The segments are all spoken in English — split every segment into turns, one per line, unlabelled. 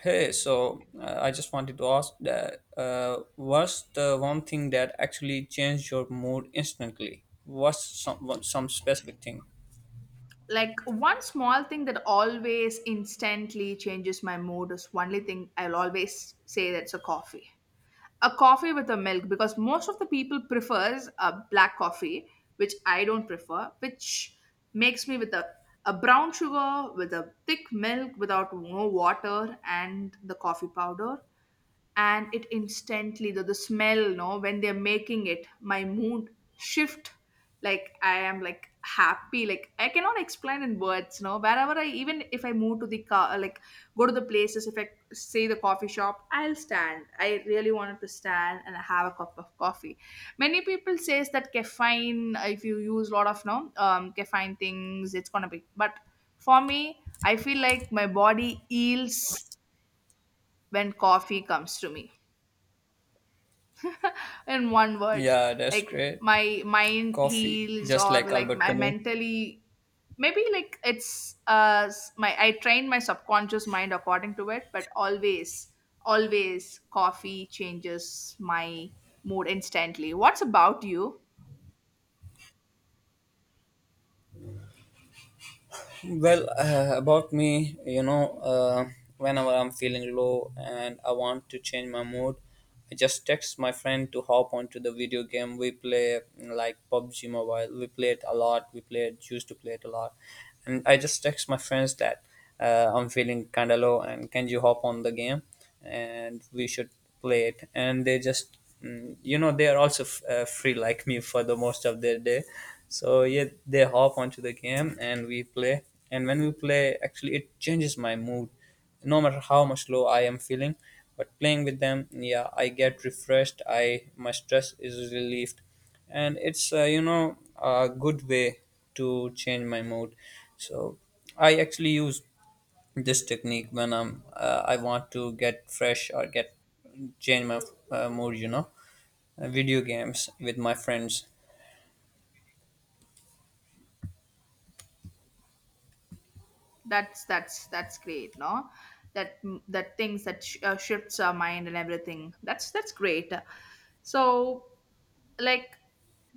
Hey, so I just wanted to ask that what's the one thing that actually changed your mood instantly? Some specific thing?
Like one small thing that always instantly changes my mood, is only thing I'll always say, that's a coffee. A coffee with a milk, because most of the people prefers a black coffee, which I don't prefer, which makes me with a brown sugar with a thick milk without no water and the coffee powder. And it instantly, the smell, no, when they're making it, my mood shift. Like, I am like happy, like I cannot explain in words, no, wherever I, even if I move to the car, like go to the places, if I say the coffee shop, I'll stand, I really wanted to stand and have a cup of coffee. Many people says that caffeine, if you use a lot of, no, caffeine things, it's gonna be. But for me, I feel like my body heals when coffee comes to me, in one word.
Yeah, that's
Like
great.
my mind
Coffee,
heals,
just
or
like
like
Albert
my
Camus.
mentally, maybe like it's my, I train my subconscious mind according to it. But always, always coffee changes my mood instantly. What's about you?
About me, whenever I'm feeling low and I want to change my mood, I just text my friend to hop onto the video game we play, like PUBG Mobile. We play it a lot. We used to play it a lot, and I just text my friends that. I'm feeling kind of low, and can you hop on the game? And we should play it. And they just, they are also free like me for the most of their day. So yeah, they hop onto the game and we play. And when we play, actually, it changes my mood no matter how much low I am feeling. But playing with them, yeah, I get refreshed. I my stress is relieved, and it's a good way to change my mood. So I actually use this technique when I want to get fresh or get change my mood. Video games with my friends.
That's great, no, that, that things that shifts our mind and everything, that's great. So, like,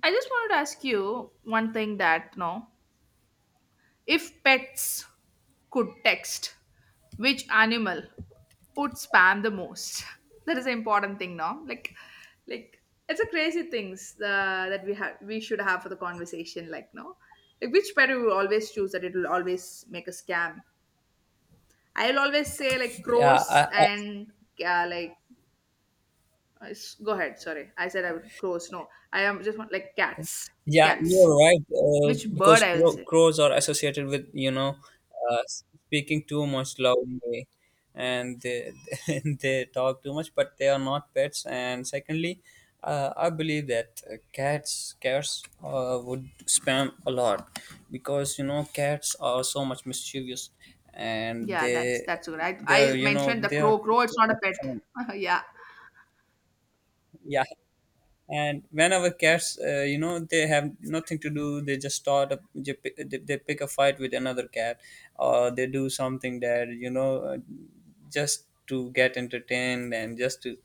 I just wanted to ask you one thing that, no, if pets could text, which animal would spam the most? That is an important thing now. Like it's a crazy things that we have, we should have for the conversation. Like, no, like which pet we will always choose that it will always make a scam. I'll always say like
Yeah,
crows
I,
and like go ahead. Sorry, I said I would crows. No, I am just want like cats.
yeah,
Cats.
you're right.
Which bird
Because
I will say?
crows are associated with speaking too much loudly, and they, they talk too much, but they are not pets. And secondly, I believe that cats would spam a lot because you know cats are so much mischievous, and
Yeah, that's good. I I mentioned the
they are.
crow. Crow, it's not a pet. Yeah,
Yeah, and when our cats they have nothing to do, they just start up, they pick a fight with another cat or they do something that just to get entertained and just to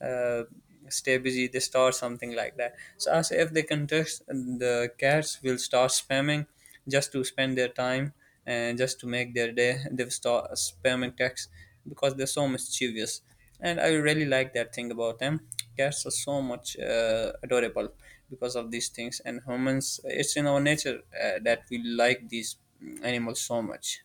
uh, stay busy. They start something like that, so as if they contest, the cats will start spamming just to spend their time and just to make their day. They've start spamming texts because they're so mischievous, and I really like that thing about them. Cats are so much adorable because of these things, and humans, it's in our nature that we like these animals so much.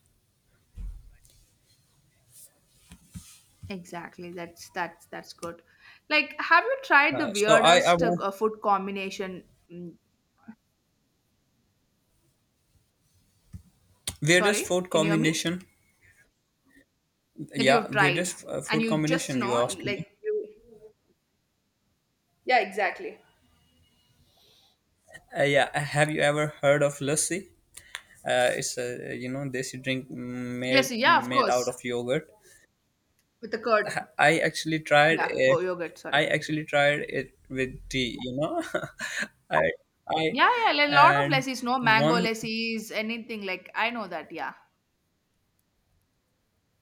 exactly. That's good. Like, have you tried the
So I
weirdest
want
food combination? Mm,
weirdest
sorry,
food
can you hear me?
combination.
That you
Yeah,
have tried,
weirdest
and
food
you just
combination you
know,
asked me.
like you. Yeah, exactly.
Yeah, have you ever heard of lassi? It's a you know desi drink made
Yes, yeah, of
made out
course,
of yogurt.
with the curd.
i actually tried
Yeah, go
it
yogurt. Sorry.
i actually tried it with tea, you know. I I
Yeah, yeah, like a lot of
and
lessees, no, mango
one
lessees, anything like, I know that. Yeah.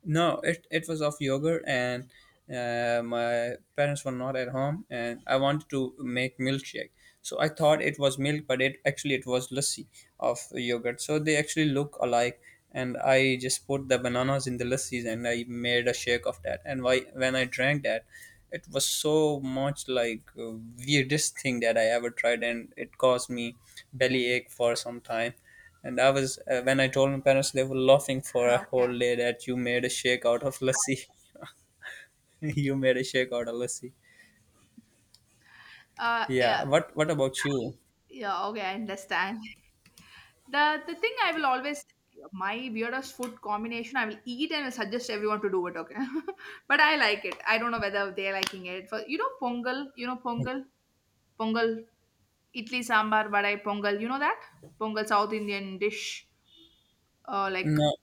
No, it was of yogurt, and my parents were not at home, and I wanted to make milkshake. So I thought it was milk, but it actually it was lassi of yogurt. So they actually look alike, and I just put the bananas in the lassis, and I made a shake of that. And why, when I drank that, it was so much like weirdest thing that I ever tried, and it caused me belly ache for some time. And I was when I told my parents, they were laughing for a
Okay.
whole day that you made a shake out of lassi. You made a shake out of lassi.
Yeah,
Yeah. What about you?
yeah. Okay, I understand. The thing I will always, my weirdest food combination I will eat and will suggest everyone to do it. Okay, but I like it. I don't know whether they're liking it. For pongal, you know pongal, pongal, idli sambar, vadai pongal. You know that pongal South Indian dish. Like,
No,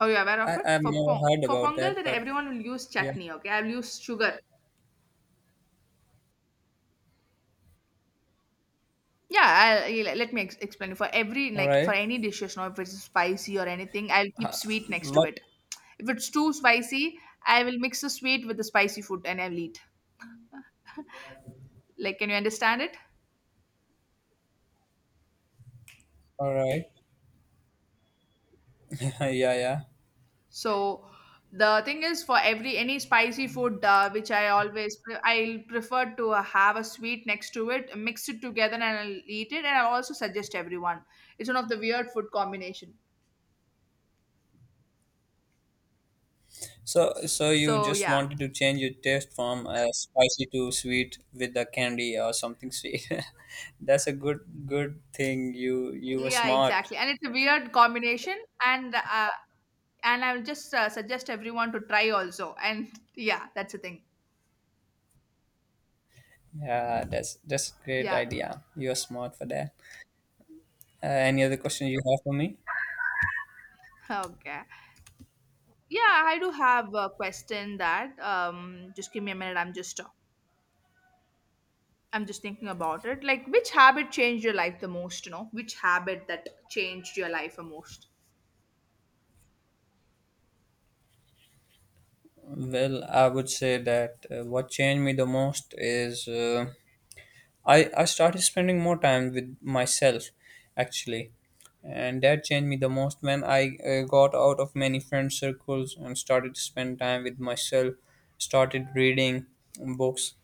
are you aware
I
of it?
I've
For
never
pong
heard
for
about
pongal that
that, but
everyone will use
yeah.
chutney. Okay, I'll use sugar. Yeah, I'll, you let let me explain. For every,
All
like, for
right.
any dishes, now if it's spicy or anything, I'll keep
Uh,
sweet next to
what?
it. If it's too spicy, I will mix the sweet with the spicy food and I'll eat. Like, can you understand it?
All right. yeah, yeah.
So the thing is, for every, any spicy food, which I always I'll prefer to, have a sweet next to it, mix it together, and I'll eat it. And I also suggest everyone. It's one of the weird food combination.
So so you
So
just
yeah.
wanted to change your taste from spicy to sweet with the candy or something sweet. That's a good thing. You were
Yeah,
smart.
exactly. And it's a weird combination. And uh, and I will just, suggest everyone to try also. And yeah, that's the thing.
Yeah, that's a great
Yeah.
idea. You're smart for that. Any other question you have for me?
Okay. Yeah, I do have a question that, just give me a minute. I'm just thinking about it. Like, which habit changed your life the most, you know? Which habit that changed your life the most?
Well, I would say that what changed me the most is I started spending more time with myself, actually, and that changed me the most when I got out of many friend circles and started to spend time with myself. Started reading books.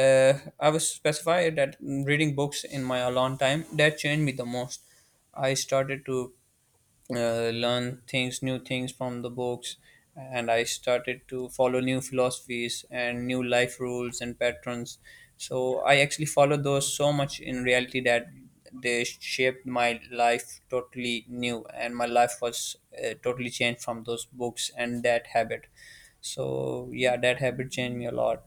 Uh, I was specified that reading books in my alone time that changed me the most. I started to learn things new things from the books, and I started to follow new philosophies and new life rules and patterns. So I actually followed those so much in reality that they shaped my life totally new, and my life was totally changed from those books and that habit. So yeah, that habit changed me a lot.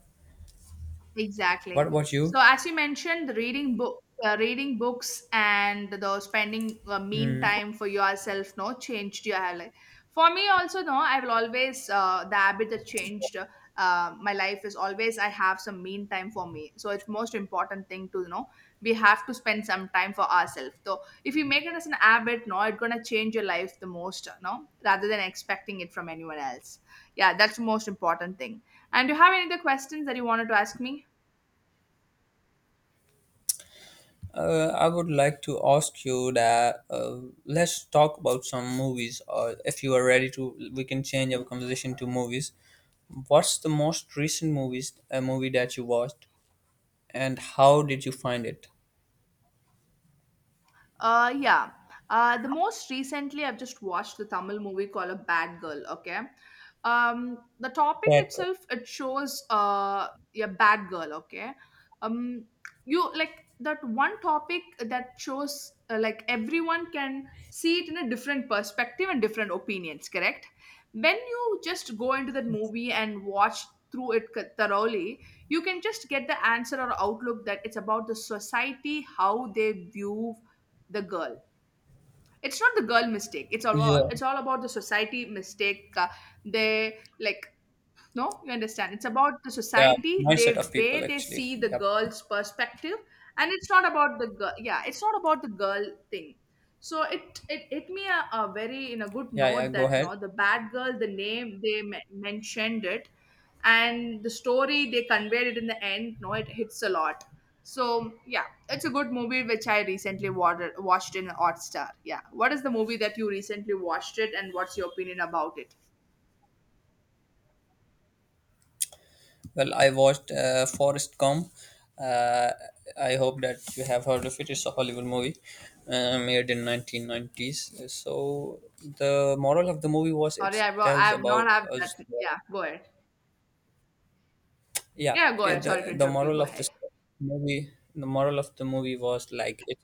Exactly.
What about
So
you?
as you mentioned, the reading book, reading books, and the spending, mean
Hmm.
time for yourself, no, changed your life. For me, also, no, I will always, the habit that changed my life is, always I have some mean time for me. So it's most important thing to, you know, we have to spend some time for ourselves. So if you make it as an habit, no, it's gonna change your life the most, no, rather than expecting it from anyone else. Yeah, that's the most important thing. And do you have any other questions that you wanted to ask me?
I would like to ask you that let's talk about some movies, or if you are ready to, we can change our conversation to movies. What's the most recent movie that you watched, and how did you find it?
Yeah. The most recently, I've just watched the Tamil movie called A Bad Girl. Okay, the topic
That
itself, it shows, a bad girl. Okay, um, you like that one topic that shows, like everyone can see it in a different perspective and different opinions. Correct? When you just go into that movie and watch through it thoroughly, you can just get the answer or outlook that it's about the society, how they view the girl. It's not the girl mistake, it's all
yeah,
it's all about the society mistake, they like, no, you understand. It's about the
yeah,
society,
mindset
they
of
way
people
they
actually.
see the
Yep.
girl's perspective, and it's not about the girl. Yeah, it's not about the girl thing. So it hit me a very in a good
Yeah, yeah.
note
Go
that,
ahead.
no, the bad girl, the name they mentioned it, and the story they conveyed it in the end. No, it hits a lot. So yeah, it's a good movie which I recently watched in Hotstar. Yeah, what is the movie that you recently watched it, and what's your opinion about it?
Well, I watched Forrest Gump. Uh, I hope that you have heard of it. It's a Hollywood movie made in 1990s. So the moral of the movie was
Sorry,
it
I I
tells
have not
about
have
us.
that. Yeah, go ahead.
yeah
Yeah, go
it,
ahead. Sorry to
the the
interrupt you.
moral
Go
of
ahead.
the movie was like it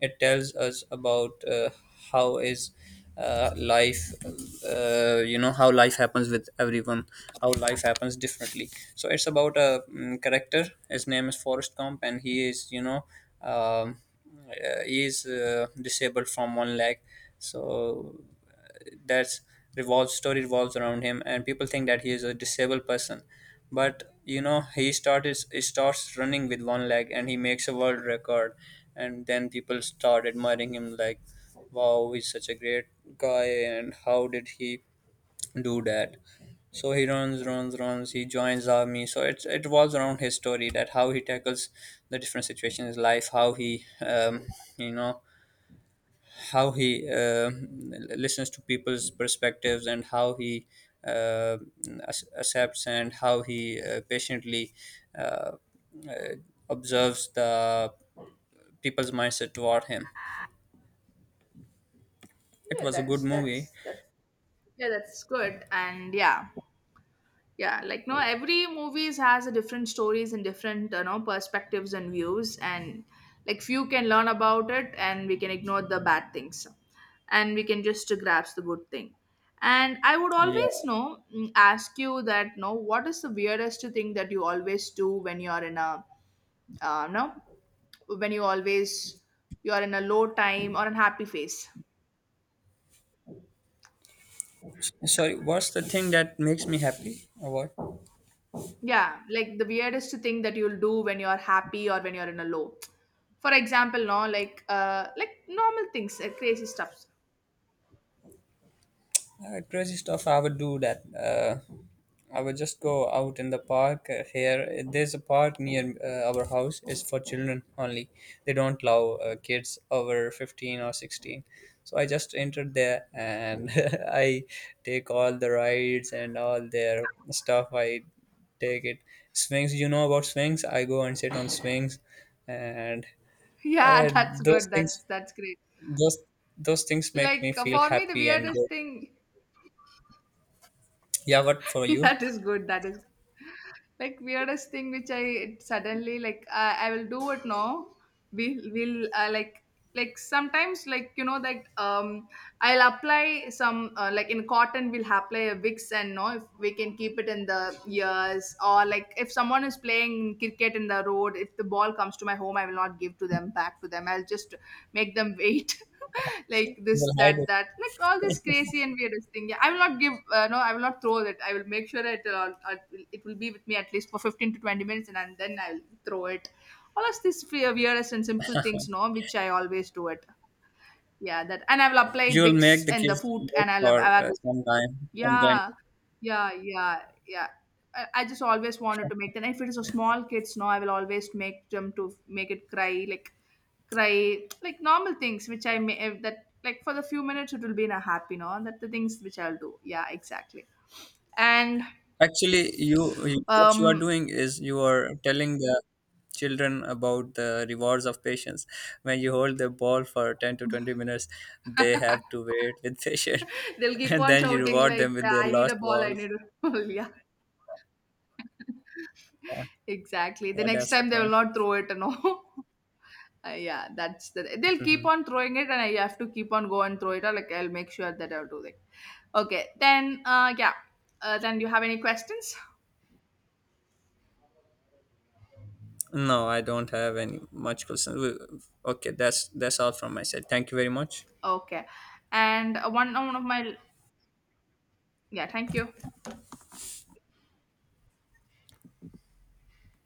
it tells us about how is life. How life happens with everyone, how life happens differently. So it's about a character. His name is Forrest Gump, and he is um, he is disabled from one leg. So that's revolves story revolves around him, and people think that he is a disabled person, but you know he starts running with one leg and he makes a world record. And then people start admiring him, like, wow, he's such a great guy. And how did he do that? So he runs, he joins army. So it's it revolves around his story, that how he tackles the different situations in his life, how he you know how he listens to people's perspectives, and how he uh, accepts, and how he patiently uh, observes the people's mindset toward him. It
Yeah,
was a good
that's
movie.
that's that's yeah, that's good. And yeah, yeah, like, no, every movies has a different stories and different, you know, perspectives and views, and like few can learn about it, and we can ignore the bad things, and we can just grasp the good thing. And I would always
Yeah.
know, ask you that, no, what is the weirdest thing that you always do when you are in a, no, when you always, you're in a low time or unhappy phase.
Sorry, what's the thing that makes me happy? Or what?
Yeah, like the weirdest thing that you'll do when you're happy or when you're in a low. For example, no, like normal things, like crazy stuff.
Crazy stuff. I would do that. I would just go out in the park here. There's a park near our house. It's for children only. They don't allow kids over 15 or 16. So I just entered there and I take all the rides and all their stuff. I take it. Swings, you know about swings? I go and sit on swings and
Yeah, that's
those
good.
things,
That's great.
those, those things make me
Like,
feel
for me, the
happy and
weirdest
good.
thing.
Yeah, what for you?
That is good. That is like, weirdest thing which I, it suddenly, like, I will do it now. We will, like sometimes, like, you know, like, I'll apply some, like in cotton we'll apply a Vicks, and no, if we can keep it in the ears, or like if someone is playing cricket in the road, if the ball comes to my home, I will not give to them, back to them, I'll just make them wait, like this,
You'll hide
that
it.
that like all this crazy and weirdest thing. Yeah, I will not give, no, I will not throw it, I will make sure it, it will be with me at least for 15 to 20 minutes, and then I'll throw it. All of these weirdest and simple things, no, which I always do it. Yeah, that, and I will apply
You'll make
bix
the
in the
kids
food
wait
and I'll
for
have.
some time, and then
Yeah, yeah, yeah, yeah. I just always wanted to make them. If it is a small kids, no, I will always make them to make it cry, like normal things which I may, if that, like for the few minutes it will be in a happy, no, that the things which I'll do. Yeah, exactly. And
actually, you what you are
um,
doing is you are telling the children about the rewards of patience. When you hold the ball for 10 to 20 minutes, they have to wait with patience,
they'll keep
and
on
then you
shouting
reward
like,
them with
yeah,
their
"I need a
lost
ball, I
balls.
need a ball." Yeah, exactly. The
Yeah,
next
that's the
time they will
point.
not throw it, no. Yeah, that's the, they'll keep
Mhm.
on throwing it, and I have to keep on go and throw it. Or like I'll make sure that I'll do that. Okay, then yeah, then you have any questions?
No, I don't have any much questions. We- okay, that's all from my side. Thank you very much.
Okay, and one of my, yeah, thank you.